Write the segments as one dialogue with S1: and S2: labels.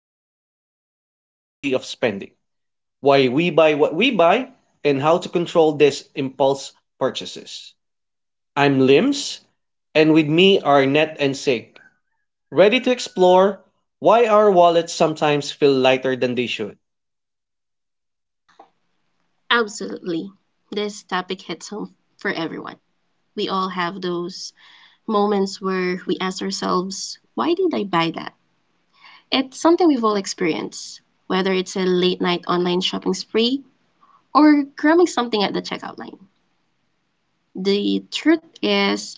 S1: diving into the psychology of spending, why we buy what we buy, and how to control these impulse purchases. I'm Lims, and with me are Net and Sig, ready to explore why our wallets sometimes feel lighter than they should.
S2: Absolutely. This topic hits home for everyone. We all have those moments where we ask ourselves, why did I buy that? It's something we've all experienced, whether it's a late night online shopping spree or grabbing something at the checkout line. The truth is,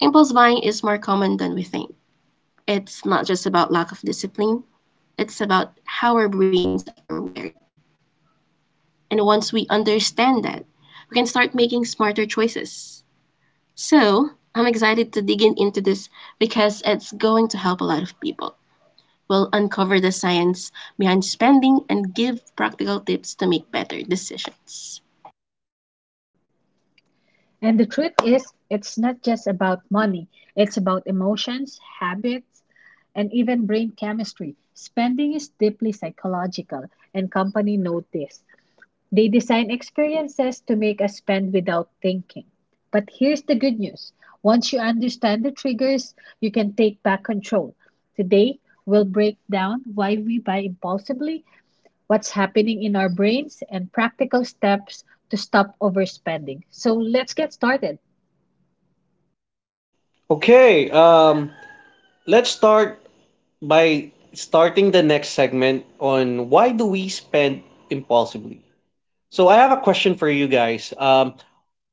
S2: impulse buying is more common than we think. It's not just about lack of discipline, it's about how our brains are wired. And once we understand that, we can start making smarter choices. So I'm excited to dig in into this because it's going to help a lot of people. We'll uncover the science behind spending and give practical tips to make better decisions.
S3: And the truth is, it's not just about money, it's about emotions, habits, and even brain chemistry. Spending is deeply psychological, and companies know this. They design experiences to make us spend without thinking. But here's the good news, once you understand the triggers, you can take back control. Today, we'll break down why we buy impulsively, what's happening in our brains, and practical steps to stop overspending. So let's get started.
S1: Okay, let's start by starting the next segment on why do we spend impulsively. So I have a question for you guys.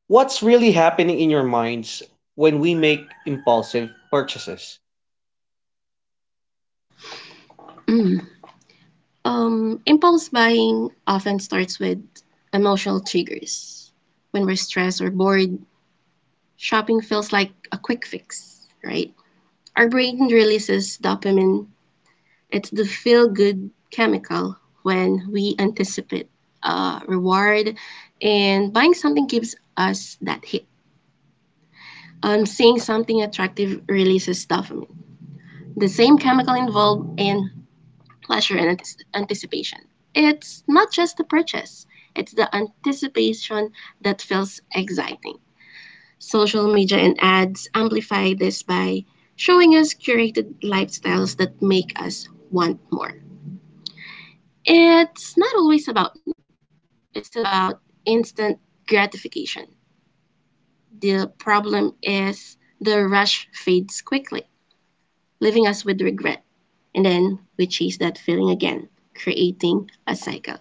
S1: What's really happening in your minds when we make impulsive purchases?
S2: Mm. Impulse buying often starts with emotional triggers. When we're stressed or bored, shopping feels like a quick fix, right? Our brain releases dopamine. It's the feel good chemical when we anticipate a reward, and buying something gives us that hit. Seeing something attractive releases dopamine, the same chemical involved in pleasure and anticipation. It's not just the purchase, it's the anticipation that feels exciting. Social media and ads amplify this by showing us curated lifestyles that make us want more. It's not always about need. It's about instant gratification. The problem is, the rush fades quickly, leaving us with regret. And then we chase that feeling again, creating a cycle.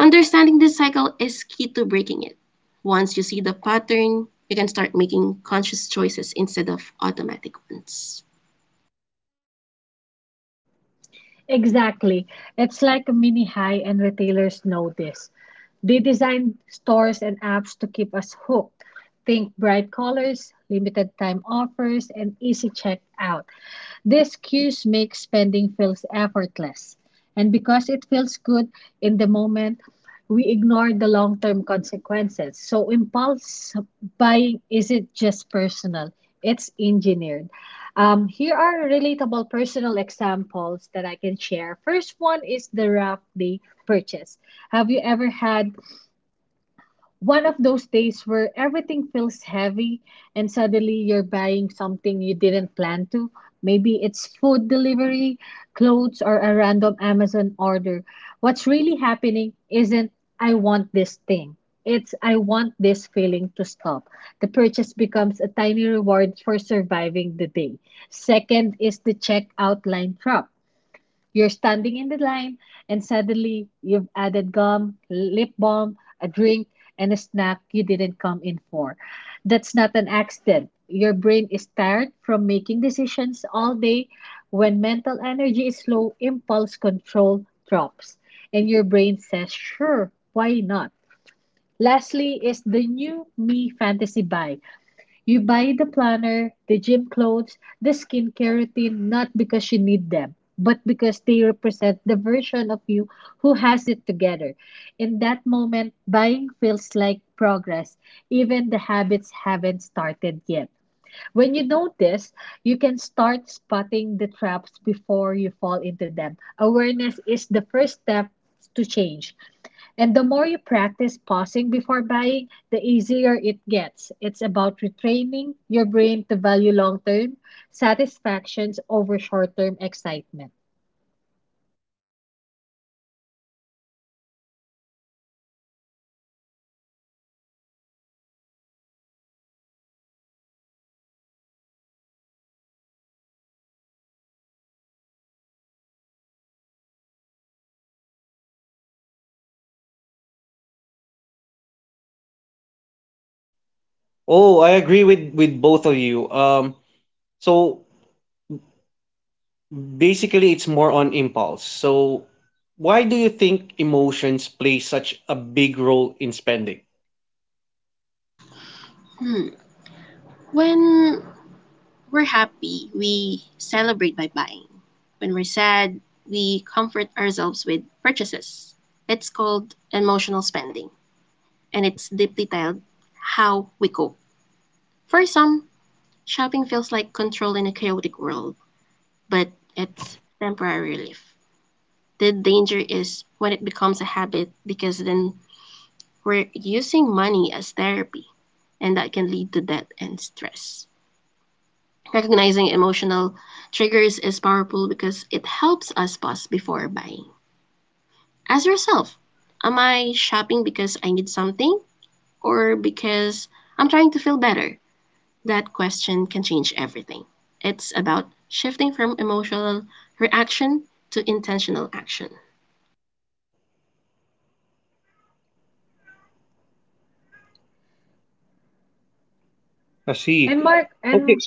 S2: Understanding this cycle is key to breaking it. Once you see the pattern, you can start making conscious choices instead of automatic ones.
S3: Exactly. It's like a mini high, and retailers know this. They design stores and apps to keep us hooked. Think bright colors, limited time offers, and easy checkout. These cues make spending feels effortless. And because it feels good in the moment, we ignore the long term consequences. So, impulse buying isn't just personal, it's engineered. Here are relatable personal examples that I can share. First one is the rough day purchase. Have you ever had one of those days where everything feels heavy and suddenly you're buying something you didn't plan to? Maybe it's food delivery, clothes, or a random Amazon order. What's really happening isn't "I want this thing." It's "I want this feeling to stop." The purchase becomes a tiny reward for surviving the day. Second is the checkout line trap. You're standing in the line, and suddenly you've added gum, lip balm, a drink, and a snack you didn't come in for. That's not an accident. Your brain is tired from making decisions all day. When mental energy is low, impulse control drops, and your brain says, "Sure, why not?" Lastly, is the new me fantasy buy. You buy the planner, the gym clothes, the skincare routine not because you need them, but because they represent the version of you who has it together. In that moment, buying feels like progress, even the habits haven't started yet. When you notice, you can start spotting the traps before you fall into them. Awareness is the first step to change. And the more you practice pausing before buying, the easier it gets. It's about retraining your brain to value long term satisfactions over short term excitement.
S1: Oh, I agree with both of you. So basically, it's more on impulse. So why do you think emotions play such a big role in spending?
S2: When we're happy, we celebrate by buying. When we're sad, we comfort ourselves with purchases. It's called emotional spending, and it's deeply tied how we cope. For some, shopping feels like control in a chaotic world, but it's temporary relief. The danger is when it becomes a habit, because then we're using money as therapy, and that can lead to debt and stress. Recognizing emotional triggers is powerful because it helps us pause before buying. Ask yourself, am I shopping because I need something or because I'm trying to feel better? That question can change everything. It's about shifting from emotional reaction to intentional action.
S1: I see.
S3: And mark
S1: Okay,
S3: and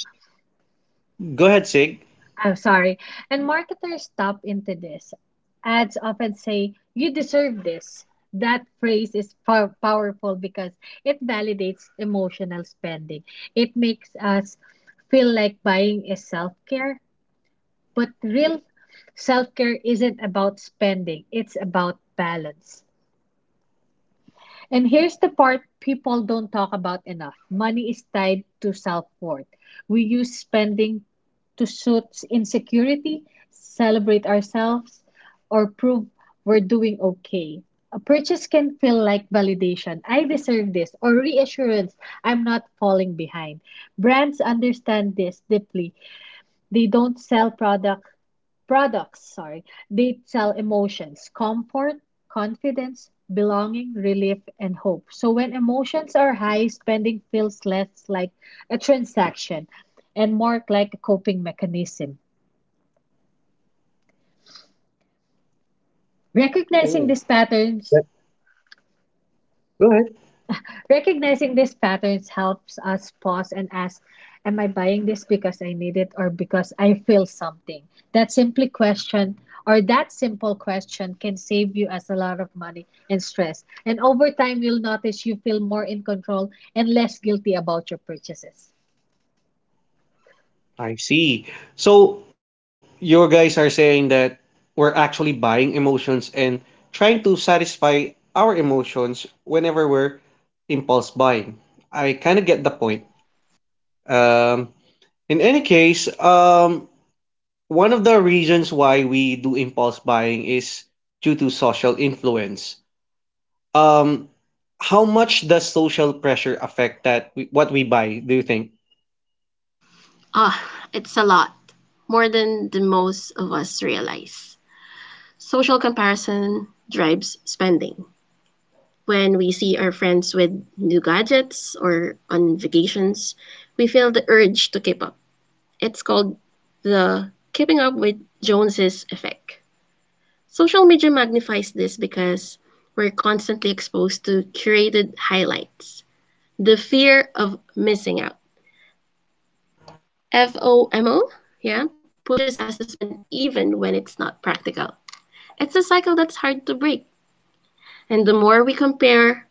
S1: go ahead, Sig.
S3: I'm sorry. And marketers stop into this. Ads often say, "You deserve this." That phrase is powerful because it validates emotional spending. It makes us feel like buying is self care. But real self care isn't about spending, it's about balance. And here's the part people don't talk about enough, money is tied to self worth. We use spending to suit insecurity, celebrate ourselves, or prove we're doing okay. A purchase can feel like validation, "I deserve this," or reassurance, "I'm not falling behind." Brands understand this deeply. They don't sell products, they sell emotions, comfort, confidence, belonging, relief, and hope. So when emotions are high, spending feels less like a transaction and more like a coping mechanism.
S1: Oh,
S3: Recognizing these
S1: yeah,
S3: patterns
S1: go ahead.
S3: Recognizing these patterns helps us pause and ask, "Am I buying this because I need it or because I feel something?" That simply question that simple question can save you as a lot of money and stress. And over time, you'll notice you feel more in control and less guilty about your purchases.
S1: I see. So your guys are saying that we're actually buying emotions and trying to satisfy our emotions whenever we're impulse buying. I kind of get the point. Um, in any case, one of the reasons why we do impulse buying is due to social influence. Um, how much does social pressure affect that we, what we buy? Do you think?
S2: Oh, it's a lot, more than the most of us realize. Social comparison drives spending. When we see our friends with new gadgets or on vacations, we feel the urge to keep up. It's called the keeping up with Joneses effect. Social media magnifies this because we're constantly exposed to curated highlights. The fear of missing out, FOMO, yeah, pushes us to spend even when it's not practical. It's a cycle that's hard to break. And the more we compare,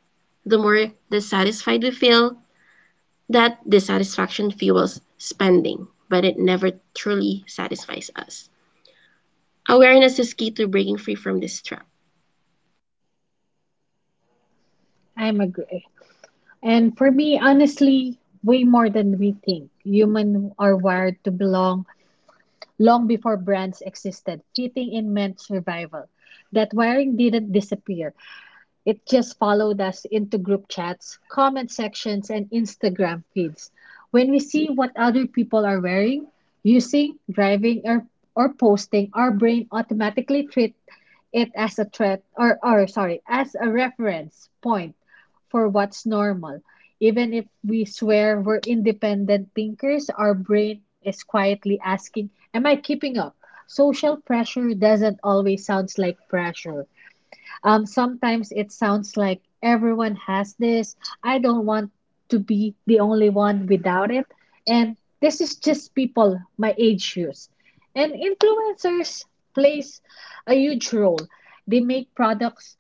S2: the more dissatisfied we feel. That dissatisfaction fuels spending, but it never truly satisfies us. Awareness is key to breaking free from this trap.
S3: I'm agree. And for me, honestly, way more than we think. Human are wired to belong long before brands existed. Fitting in meant survival. That wiring didn't disappear. It just followed us into group chats, comment sections, and Instagram feeds. When we see what other people are wearing, using, driving, or posting, our brain automatically treats it as a threat, as a reference point for what's normal. Even if we swear we're independent thinkers, our brain is quietly asking, "Am I keeping up?" Social pressure doesn't always sound like pressure. Sometimes it sounds like everyone has this. I don't want to be the only one without it. And this is just people my age use. And influencers plays a huge role. They make products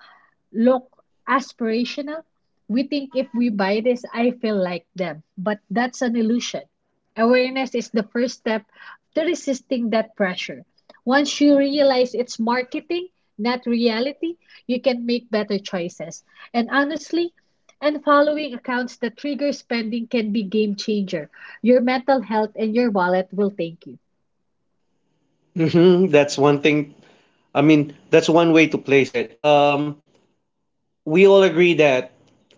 S3: look aspirational. We think if we buy this, I feel like them. But that's an illusion. Awareness is the first step to resisting that pressure. Once you realize it's marketing, not reality, you can make better choices. And honestly, and following accounts that trigger spending can be game changer. Your mental health and your wallet will thank you.
S1: That's one thing. I mean, that's one way to place it. We all agree that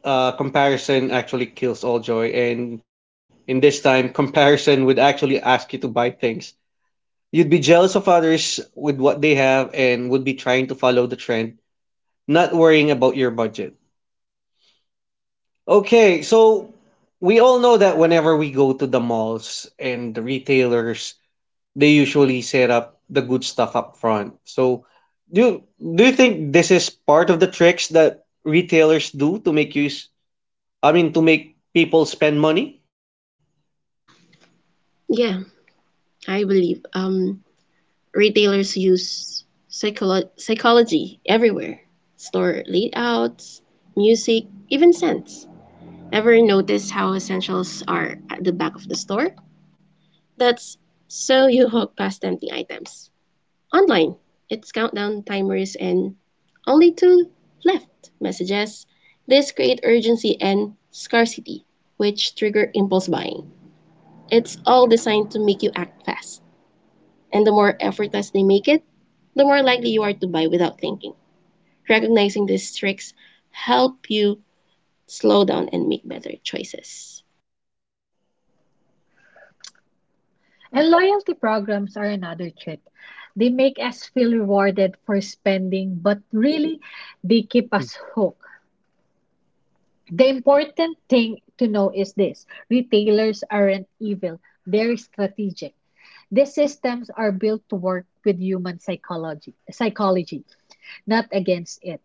S1: comparison actually kills all joy, and in this time, comparison would actually ask you to buy things. You'd be jealous of others with what they have and would be trying to follow the trend, not worrying about your budget. Okay, so we all know that whenever we go to the malls and the retailers, they usually set up the good stuff up front. So do you, do you think this is part of the tricks that retailers do to make use I mean, to make people spend money?
S2: Yeah, I believe retailers use psychology everywhere: store layouts, music, even scents. Ever notice how essentials are at the back of the store? That's so you walk past empty items. Online, it's countdown timers and only two left messages. This creates urgency and scarcity, which trigger impulse buying. It's all designed to make you act fast. And the more effortless they make it, the more likely you are to buy without thinking. Recognizing these tricks help you slow down and make better choices.
S3: And loyalty programs are another trick. They make us feel rewarded for spending, but really, they keep us hooked. The important thing to know is this, retailers aren't evil, they're strategic. These systems are built to work with human psychology, not against it.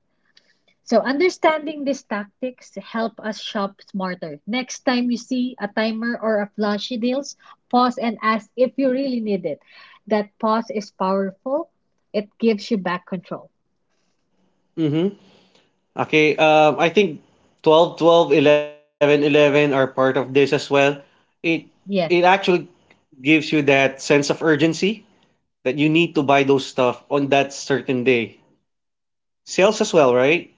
S3: So understanding these tactics help us shop smarter. Next time you see a timer or a flashy deals, pause and ask if you really need it. That pause is powerful. It gives you back control.
S1: Mhm. Okay, I think 12, 12, 11, 11 are part of this as well. It it
S3: Yes,
S1: actually gives you that sense of urgency that you need to buy those stuff on that certain day. Sales as well, right?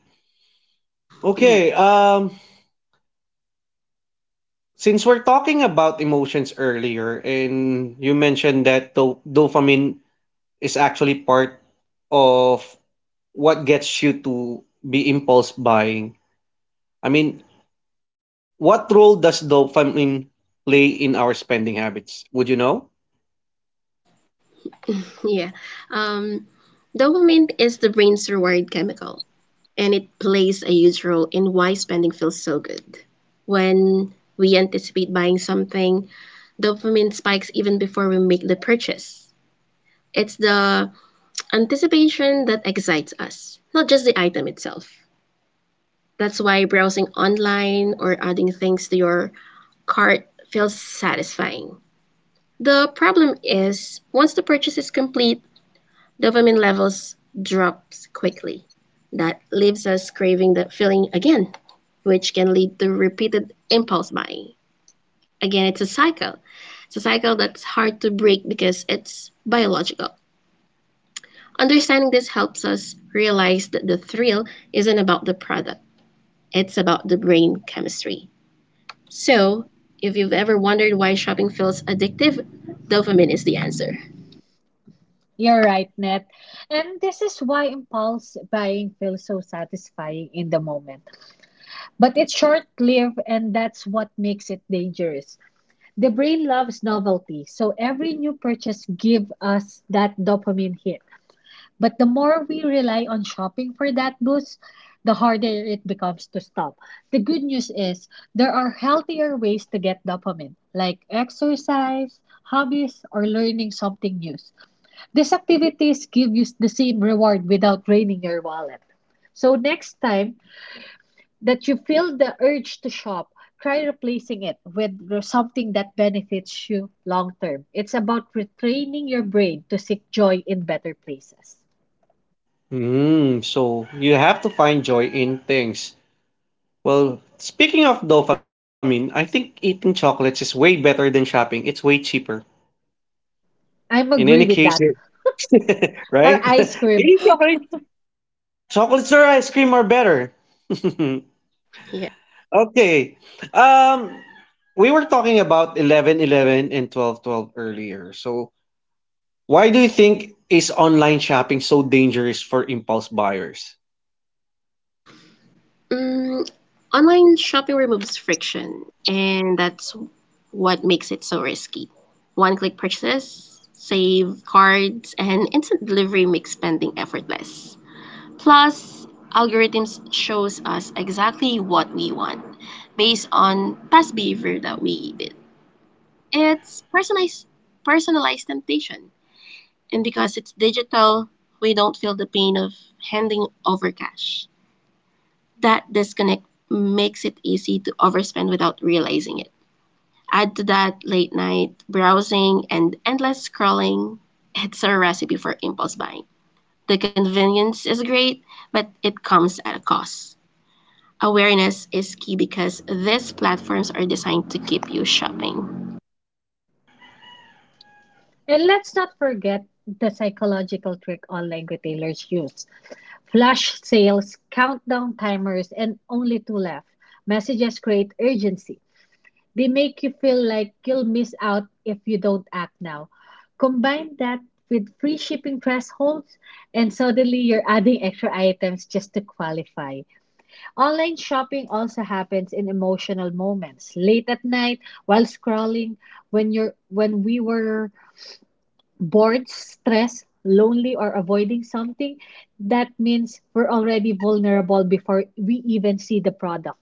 S2: Yeah,
S1: Okay, since we're talking about emotions earlier, and you mentioned that dopamine is actually part of what gets you to be impulse buying. I mean, what role does dopamine play in our spending habits? Would you know?
S2: yeah. Um, Dopamine is the brain's reward chemical, and it plays a huge role in why spending feels so good. When we anticipate buying something, dopamine spikes even before we make the purchase. It's the anticipation that excites us, not just the item itself. That's why browsing online or adding things to your cart feels satisfying. The problem is, once the purchase is complete, dopamine levels drops quickly. That leaves us craving that feeling again, which can lead to repeated impulse buying. Again, it's a cycle. It's a cycle that's hard to break because it's biological. Understanding this helps us realize that the thrill isn't about the product, it's about the brain chemistry. So, if you've ever wondered why shopping feels addictive, dopamine is the answer.
S3: you're right, Net. And this is why impulse buying feels so satisfying in the moment. But it's short-lived and that's what makes it dangerous. The brain loves novelty, so every new purchase gives us that dopamine hit. But the more we rely on shopping for that boost, the harder it becomes to stop. The good news is there are healthier ways to get dopamine, like exercise, hobbies, or learning something new. These activities give you the same reward without draining your wallet. So next time that you feel the urge to shop, try replacing it with something that benefits you long term. It's about retraining your brain to seek joy in better places.
S1: Hmm, so you have to find joy in things. Well, speaking of dopamine, I think eating chocolates is way better than shopping. It's way cheaper. In
S3: I'm
S1: any
S3: agree
S1: case,
S3: with that.
S1: right?
S3: Or ice cream.
S1: Eating chocolates or ice cream are better.
S2: Yeah.
S1: Okay. Um, we were talking about 11, 11 and 12, 12 earlier. So, why do you think is online shopping so dangerous for impulse buyers?
S2: Mm, Online shopping removes friction, and that's what makes it so risky. One click purchases, save cards, and instant delivery make spending effortless. Plus, algorithms shows us exactly what we want based on past behavior that we did. It's personalized temptation. And because it's digital, we don't feel the pain of handing over cash. That disconnect makes it easy to overspend without realizing it. Add to that late night browsing and endless scrolling. It's a recipe for impulse buying. The convenience is great, but it comes at a cost. Awareness is key because these platforms are designed to keep you shopping.
S3: And let's not forget the psychological trick online retailers use. Flash sales, countdown timers, and only two left. Messages create urgency. They make you feel like you'll miss out if you don't act now. Combine that with free shipping thresholds, and suddenly you're adding extra items just to qualify. Online shopping also happens in emotional moments, late at night, while scrolling, when we were bored, stressed, lonely, or avoiding something. That means we're already vulnerable before we even see the product.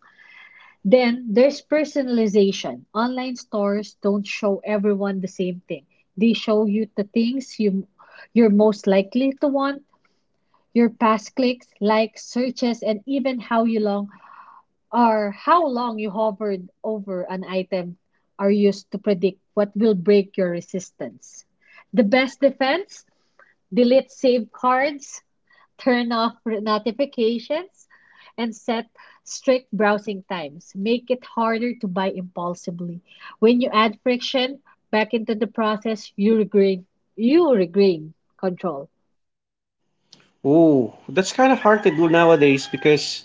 S3: Then there's personalization. Online stores don't show everyone the same thing. They show you the things you're most likely to want, your past clicks, likes, searches, and even how long you hovered over an item are used to predict what will break your resistance. The best defense, delete saved cards, turn off notifications, and set strict browsing times. Make it harder to buy impulsively. When you add friction back into the process, you regain control.
S1: Ooh, that's kind of hard to do nowadays because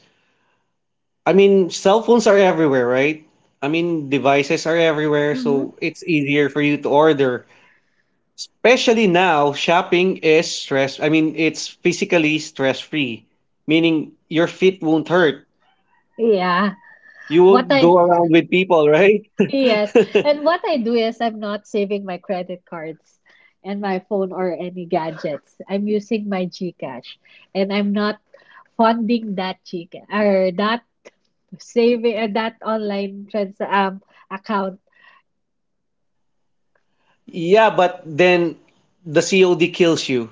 S1: I mean, cell phones are everywhere, right? I mean, devices are everywhere,
S3: Hmm.
S1: so it's easier for you to order. Especially now, shopping is stress. I mean, it's physically stress free, meaning your feet won't hurt.
S3: Yeah.
S1: You won't go
S3: What
S1: around
S3: I
S1: with people, right?
S3: Yes. And what I do is I'm not saving my credit cards and my phone or any gadgets. I'm using my GCash and I'm not funding that GCash or that saving that online trans account.
S1: Yeah, but then the COD kills you.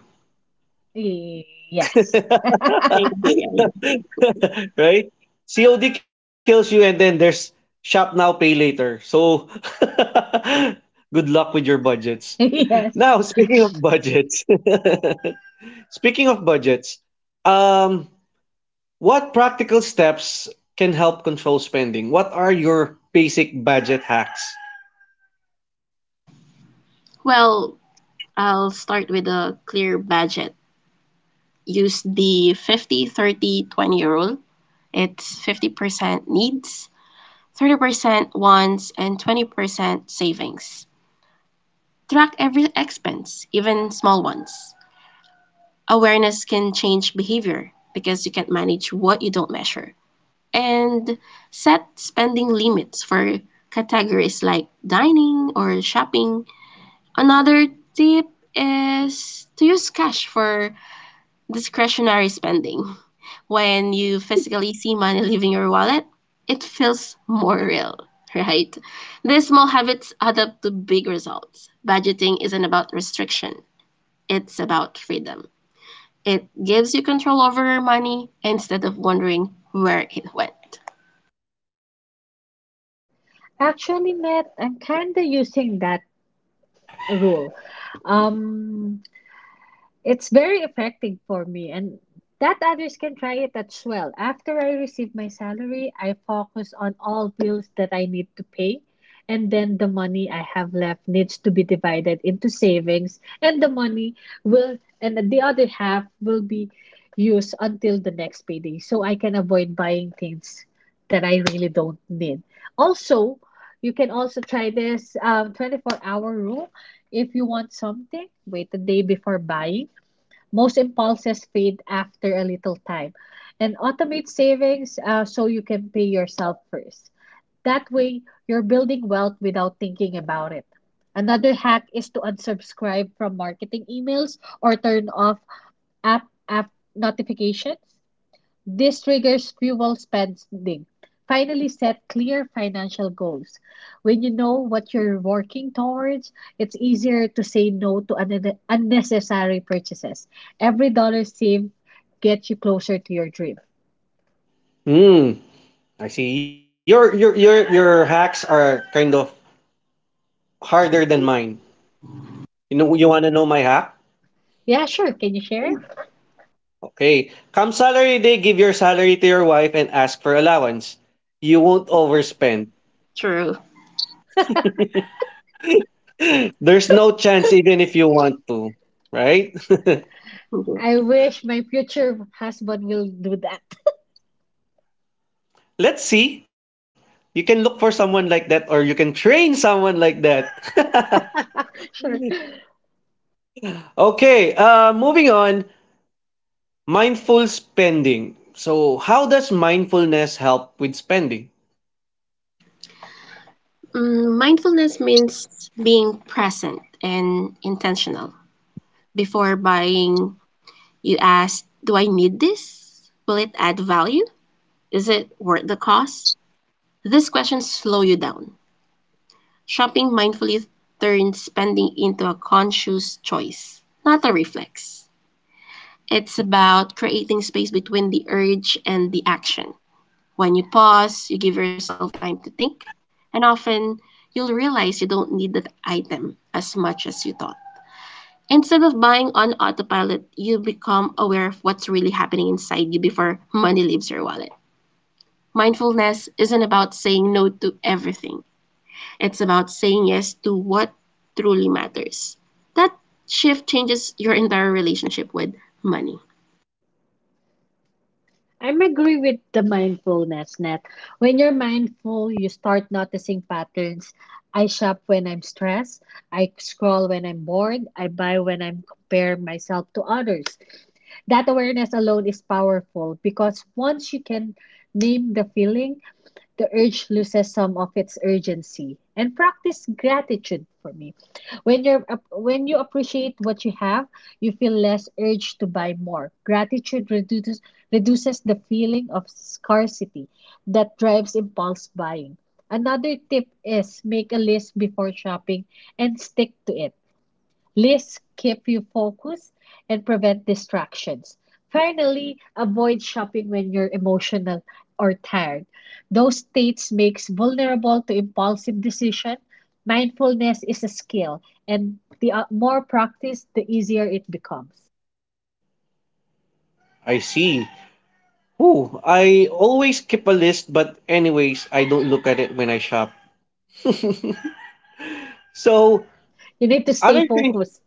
S3: Y- Yes.
S2: I agree, I agree.
S1: Right? COD kills you, and then there's shop now, pay later. So, good luck with your budgets. Now,
S3: Yes.
S1: speaking of budgets, speaking of budgets, um, what practical steps can help control spending? What are your basic budget hacks?
S2: Well, I'll start with a clear budget. Use the 50/30/20 rule. It's 50% needs, 30% wants, and 20% savings. Track every expense, even small ones. Awareness can change behavior because you can't manage what you don't measure. And set spending limits for categories like dining or shopping. Another tip is to use cash for discretionary spending. When you physically see money leaving your wallet, it feels more real, right? These small habits add up to big results. Budgeting isn't about restriction, it's about freedom. It gives you control over your money instead of wondering where it went.
S3: Actually, Matt, I'm kind of using that rule. Um, It's very effective for me, and that others can try it as well. After I receive my salary, I focus on all bills that I need to pay, and then the money I have left needs to be divided into savings, and will, the other half will be used until the next payday, so I can avoid buying things that I really don't need. Also, you can also try this 24-hour rule. If you want something, wait a day before buying. Most impulses fade after a little time. And automate savings so you can pay yourself first. That way, you're building wealth without thinking about it. Another hack is to unsubscribe from marketing emails or turn off app notifications. This triggers fuel spending. Finally, set clear financial goals. When you know what you're working towards, it's easier to say no to unnecessary purchases. Every dollar saved gets you closer to your dream.
S1: Hmm, I see. Your hacks are kind of
S2: If
S1: harder than
S2: it's
S1: mine. You know, you wanna know my hack?
S3: Yeah, sure. Can you share?
S1: Okay. Come salary day, give your salary to your wife and ask for allowance. You won't overspend.
S2: true.
S1: There's no chance even if you want to, right?
S2: Mhm.
S3: I wish my future husband will do that.
S1: Let's see. You can look for someone like that or you can train someone like that.
S3: Sure.
S1: Okay, moving on, mindful spending. So, how does mindfulness help with spending?
S2: Mindfulness means being present and intentional. Before buying, you ask, do I need this? Will it add value? Is it worth the cost? These questions slow you down. Shopping mindfully turns spending into a conscious choice, not a reflex. It's about creating space between the urge and the action. When you pause, you give yourself time to think, and often you'll realize you don't need that item as much as you thought. Instead of buying on autopilot, you become aware of what's really happening inside you before money leaves your wallet. Mindfulness isn't about saying no to everything, it's about saying yes to what truly matters. That shift changes your entire relationship with money.
S3: I'm agree with the mindfulness, Net. When you're mindful, you start noticing patterns. I shop when I'm stressed. I scroll when I'm bored. I buy when I'm compare myself to others. That awareness alone is powerful because once you can name the feeling, the urge loses some of its urgency. And practice gratitude, for me, when you're when you appreciate what you have, you feel less urge to buy more. Gratitude reduces the feeling of scarcity that drives impulse buying. Another tip is make a list before shopping and stick to it. Lists keep you focused and prevent distractions. Finally, avoid shopping when you're emotional or tired. Those states makes vulnerable to impulsive decision. Mindfulness is a skill, and the more practice, the easier it becomes.
S1: I see. Ooh, I always keep a list, but anyways, I don't look at it when I shop. So,
S3: You need to stay
S1: other things.
S3: focused.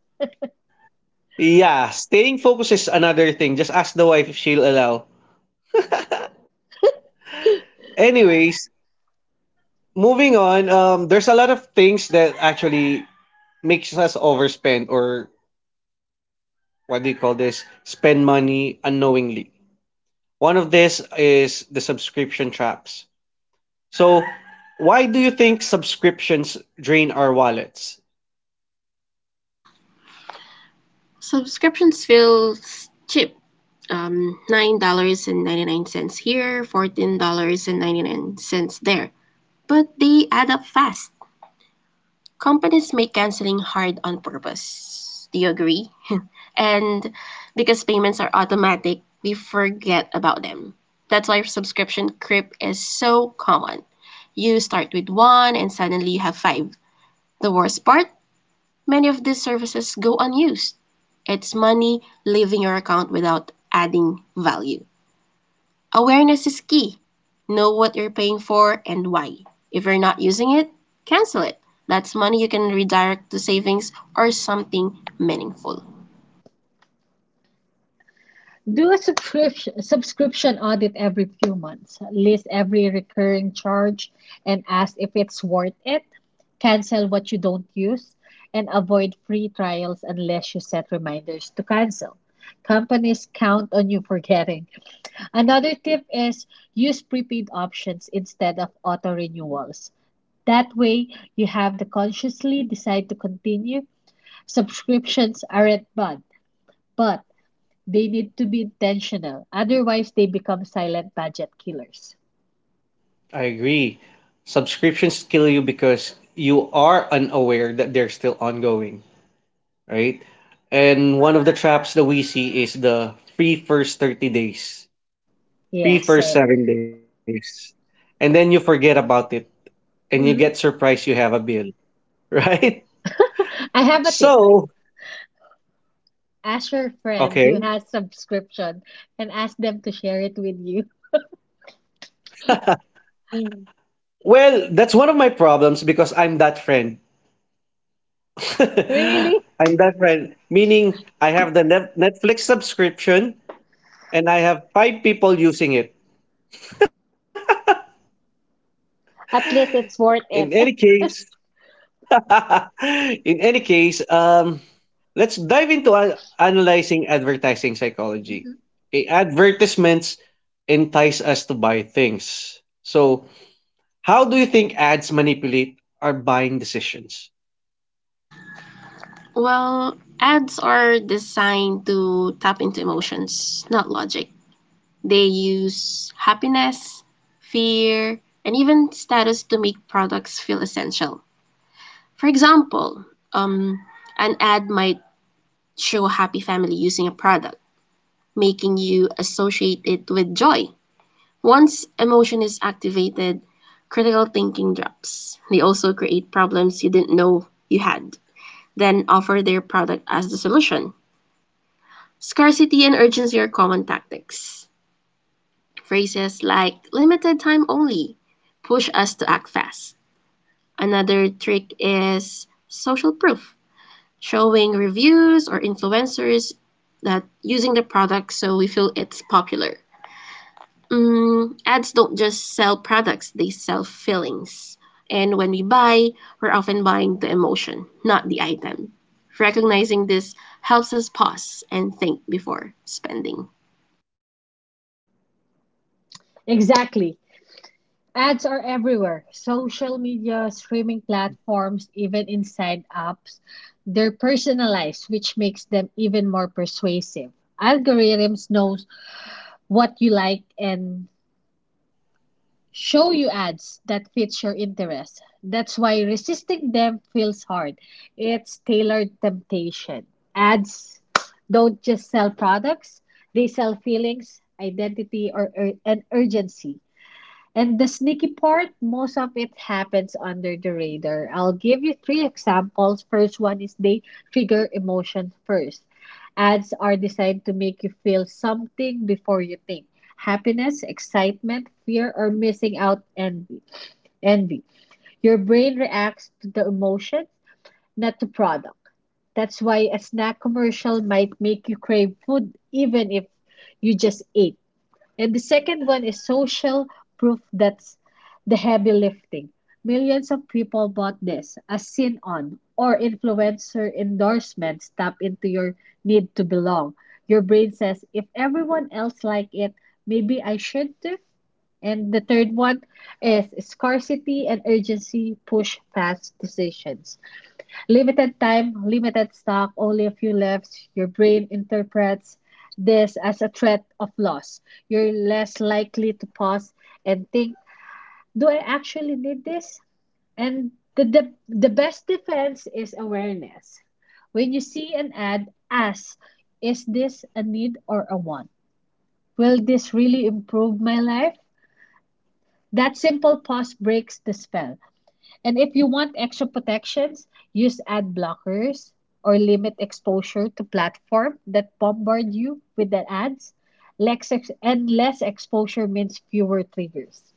S1: Yeah, staying focused is another thing. Just ask the wife if she'll allow. Anyways, moving on, there's a lot of things that actually makes us overspend or what do you call this? Spend money unknowingly. One of this is the subscription traps. So, why do you think subscriptions drain our wallets?
S2: Subscriptions feels cheap. $9.99 here, $14.99 there. But they add up fast. Companies make canceling hard on purpose. Do you agree? And because payments are automatic, we forget about them. That's why subscription creep is so common. You start with one and suddenly you have five. The worst part? Many of these services go unused. It's money leaving your account without adding value. Awareness is key. Know what you're paying for and why. If you're not using it, cancel it. That's money you can redirect to savings or something meaningful.
S3: Do a subscription audit every few months. List every recurring charge and ask if it's worth it. Cancel what you don't use and avoid free trials unless you set reminders to cancel. Companies count on you forgetting. Another tip is use prepaid options instead of auto renewals. That way, you have to consciously decide to continue. Subscriptions aren't bad, but they need to be intentional. Otherwise, they become silent budget killers.
S1: I agree. Subscriptions kill you because you are unaware that they're still ongoing. Right? And one of the traps that we see is the free first 30 days, free
S3: Yes, I
S1: first
S3: agree.
S1: 7 days. And then you forget about it and you get
S3: Mhm.
S1: surprised you have a bill, right?
S3: I have a tip.
S1: So,
S3: Ask your friend who
S1: okay.
S3: has subscription and ask them to share it with you.
S1: Well, that's one of my problems because I'm that friend.
S3: Really?
S1: I'm that friend, meaning I have the Netflix subscription and I have five people using it.
S3: At least it's
S1: In
S3: worth
S1: any
S3: it.
S1: case, in any case, um, let's dive into analyzing advertising psychology. Okay, advertisements entice us to buy things. So, how do you think ads manipulate our buying decisions?
S2: Well, ads are designed to tap into emotions, not logic. They use happiness, fear, and even status to make products feel essential. For example, um, an ad might show a happy family using a product, making you associate it with joy. Once emotion is activated, critical thinking drops. They also create problems you didn't know you had, then offer their product as the solution. Scarcity and urgency are common tactics. Phrases like limited time only push us to act fast. Another trick is social proof, showing reviews or influencers that using the product so we feel it's popular. Ads don't just sell products, they sell feelings. And when we buy, we're often buying the emotion, not the item. Recognizing this helps us pause and think before spending.
S3: Exactly. Ads are everywhere. Social media, streaming platforms, even inside apps. They're personalized, which makes them even more persuasive. Algorithms knows what you like and show you ads that fit your interest. That's why resisting them feels hard. It's tailored temptation. Ads don't just sell products, they sell feelings, identity, or ur- and urgency. And the sneaky part, most of it happens under the radar. I'll give you three examples. First one is they trigger emotion first. Ads are designed to make you feel something before you think. Happiness, excitement, fear, or missing out envy. Envy. Your brain reacts to the emotion, not to product. That's why a snack commercial might make you crave food even if you just ate. And the second one is social proof that's the heavy lifting. Millions of people bought this, as seen on or influencer endorsements tap into your need to belong. Your brain says, if everyone else like it, maybe I should too. And the third one is scarcity and urgency push fast decisions. Limited time, limited stock, only a few left. Your brain interprets this as a threat of loss. You're less likely to pause and think, do I actually need this? And the best defense is awareness. When you see an ad, ask, is this a need or a want? Will this really improve my life? That simple pause breaks the spell. And if you want extra protections, use ad blockers or limit exposure to platforms that bombard you with the ads. Less ex- and less exposure means fewer triggers.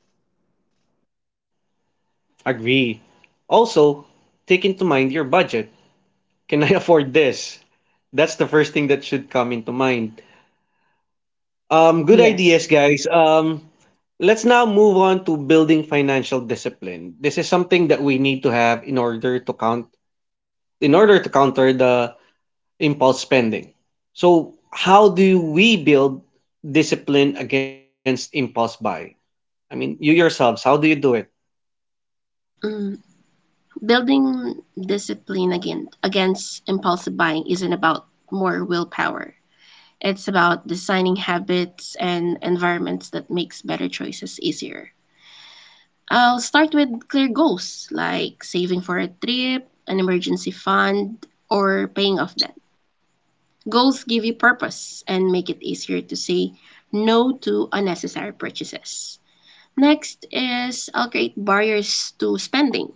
S1: Agree. Also, take into mind your budget. Can I afford this? That's the first thing that should come into mind. Good
S3: Yes.
S1: ideas, guys. Let's now move on to building financial discipline. This is something that we need to have in order to counter the impulse spending. So, how do we build discipline against impulse buying? I mean, you yourselves, how do you do it?
S2: Mm, Building discipline against impulsive buying isn't about more willpower. It's about designing habits and environments that makes better choices easier. I'll start with clear goals like saving for a trip, an emergency fund, or paying off debt. Goals give you purpose and make it easier to say no to unnecessary purchases. Next is I'll create barriers to spending.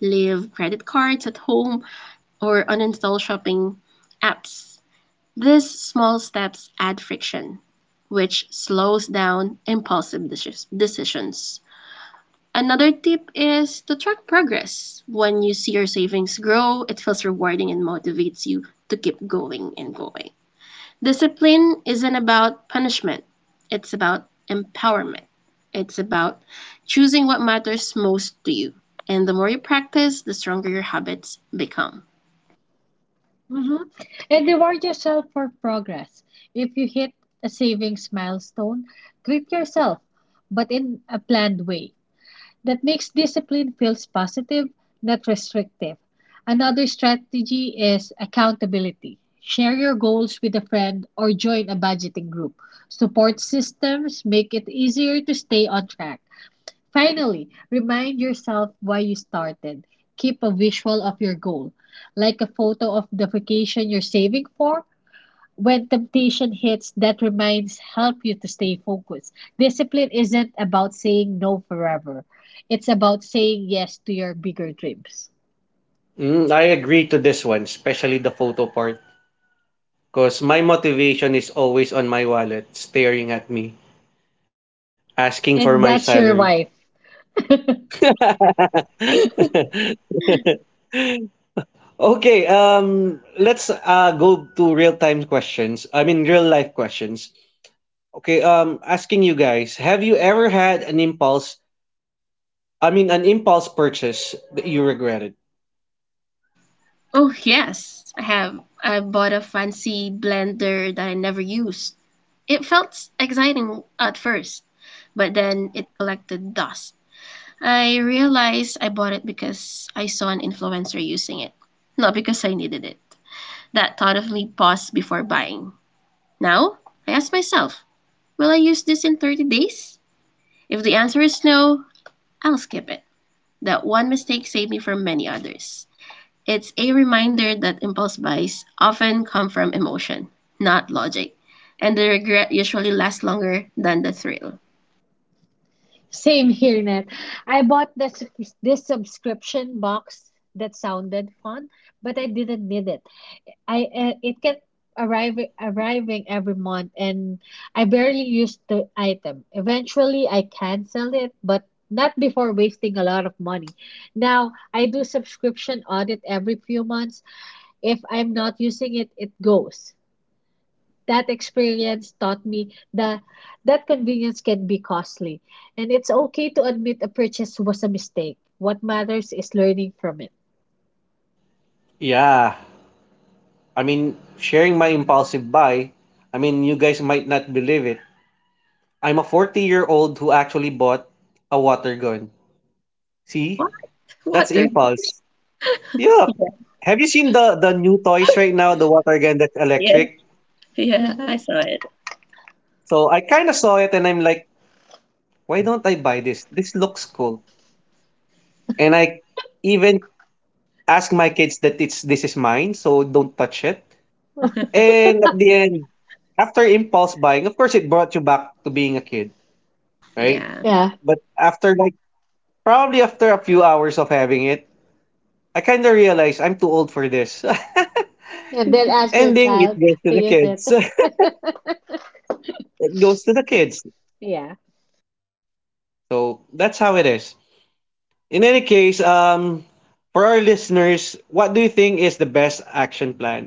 S2: Leave credit cards at home or uninstall shopping apps. These small steps add friction, which slows down impulsive decisions. Another tip is to track progress. When you see your savings grow, it feels rewarding and motivates you to keep going and going. Discipline isn't about punishment, it's about empowerment. It's about choosing what matters most to you. And the more you practice, the stronger your habits become.
S3: Mm-hmm. And reward yourself for progress. If you hit a savings milestone, treat yourself, but in a planned way. That makes discipline feels positive, not restrictive. Another strategy is accountability. Share your goals with a friend or join a budgeting group. Support systems make it easier to stay on track. Finally, remind yourself why you started. Keep a visual of your goal, like a photo of the vacation you're saving for when temptation hits, that reminds help you to stay focused. Discipline isn't about saying no forever. It's about saying yes to your bigger dreams.
S1: Mm, I agree to this one, especially the photo part. Because my motivation is always on my wallet, staring at me, asking for my
S3: And
S1: salary.
S3: that's your wife.
S1: Okay, let's go to real time questions. I mean, real life questions. Okay, asking you guys, have you ever had an impulse? I mean, an impulse purchase that you regretted?
S2: Oh yes, I have. I bought a fancy blender that I never used. It felt exciting at first, but then it collected dust. I realized I bought it because I saw an influencer using it, not because I needed it. That thought of me paused before buying. Now, I ask myself, will I use this in 30 days? If the answer is no, I'll skip it. That one mistake saved me from many others. It's a reminder that impulse buys often come from emotion, not logic, and the regret usually lasts longer than the thrill.
S3: Same here, Net. I bought this subscription box that sounded fun, but I didn't need it. I it kept arriving every month and I barely used the item. Eventually I canceled it, but not before wasting a lot of money. Now, I do subscription audit every few months. If I'm not using it, it goes. That experience taught me that convenience can be costly, and it's okay to admit a purchase was a mistake. What matters is learning from it.
S1: Yeah, I mean, sharing my impulsive buy. I mean, you guys might not believe it. I'm a 40-year-old who actually bought a water gun. See,
S2: What?
S1: that's
S2: What are
S1: impulse. Yeah.
S2: yeah,
S1: Have you seen the new toys right now? The water gun that's
S2: yeah,
S1: electric.
S2: yeah, I
S3: Mhm.
S2: saw it.
S1: So I kind of saw it and I'm like, why don't I buy this? This looks cool. And I even ask my kids that it's this is mine, so don't touch it. And at the end, after impulse buying, of course, it brought you back to being a kid, right?
S2: Yeah.
S3: Yeah.
S1: But after like probably after a few hours of having it, I kind of realized I'm too old for this.
S3: And then ask your
S1: Ending it
S3: child
S1: goes to
S3: to
S1: the
S3: use it.
S1: kids. It goes to the kids.
S3: Yeah,
S1: So that's how it is. In any case, for our listeners, what do you think is the best action plan?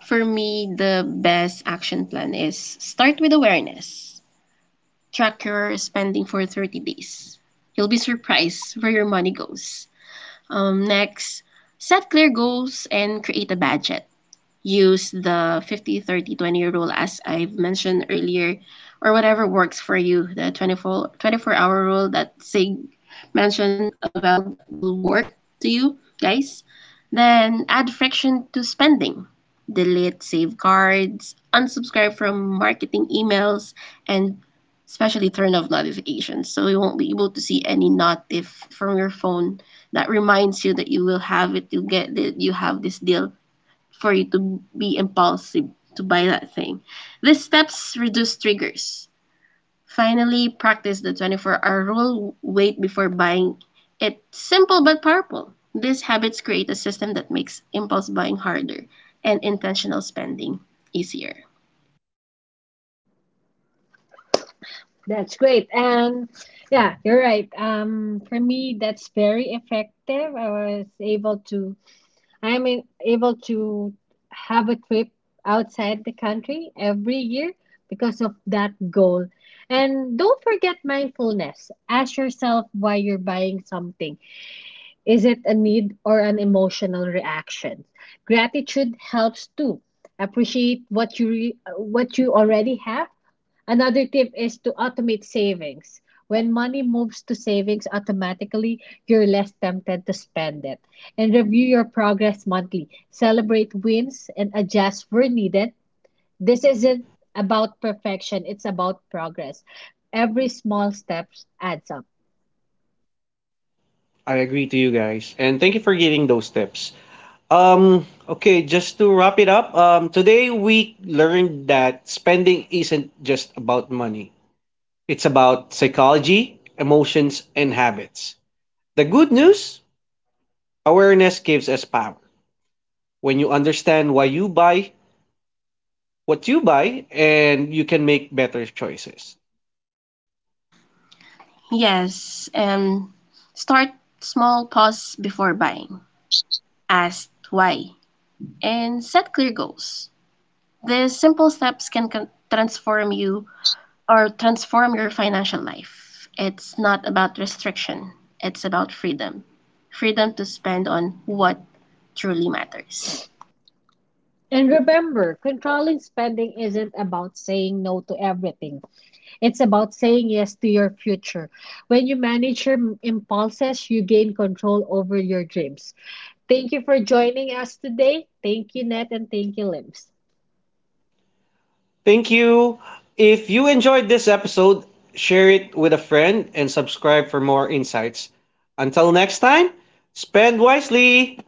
S2: For me, the best action plan is start with awareness. Track your spending for 30 days. You'll be surprised where your money goes. Next, set clear goals and create a budget. Use the 50/30/20 rule as I've mentioned earlier, or whatever works for you. The 24-hour rule that Sig mentioned as well, that will work to you guys. Then add friction to spending: delete save cards, unsubscribe from marketing emails, and especially turn off notifications so you won't be able to see any notif from your phone that reminds you that you will have it, you get that you have this deal for you to be impulsive to buy that thing. These steps reduce triggers. Finally, practice the 24-hour rule, wait before buying. It's simple but powerful. These habits create a system that makes impulse buying harder and intentional spending easier.
S3: that's great. And yeah, you're right. For me, that's very effective. I'm able to have a trip outside the country every year because of that goal. And don't forget mindfulness. Ask yourself why you're buying something. Is it a need or an emotional reaction? Gratitude helps too. Appreciate what you what you already have. Another tip is to automate savings. When money moves to savings automatically, you're less tempted to spend it. And review your progress monthly. Celebrate wins and adjust where needed. This isn't about perfection, it's about progress. Every small step adds up.
S1: I agree to you guys, and thank you for giving those tips. Okay, just to wrap it up, today we learned that spending isn't just about money. It's about psychology, emotions, and habits. The good news: awareness gives us power. When you understand why you buy what you buy, and you can make better choices.
S2: Yes, and start small, pause before buying. Ask why and set clear goals. These simple steps can transform you or transform your financial life. It's not about restriction, it's about freedom, freedom to spend on what truly matters.
S3: And remember, controlling spending isn't about saying no to everything. It's about saying yes to your future. When you manage your impulses, you gain control over your dreams. Thank you for joining us today. Thank you, Net, and thank you, Limbs.
S1: Thank you. If you enjoyed this episode, share it with a friend and subscribe for more insights. Until next time, spend wisely.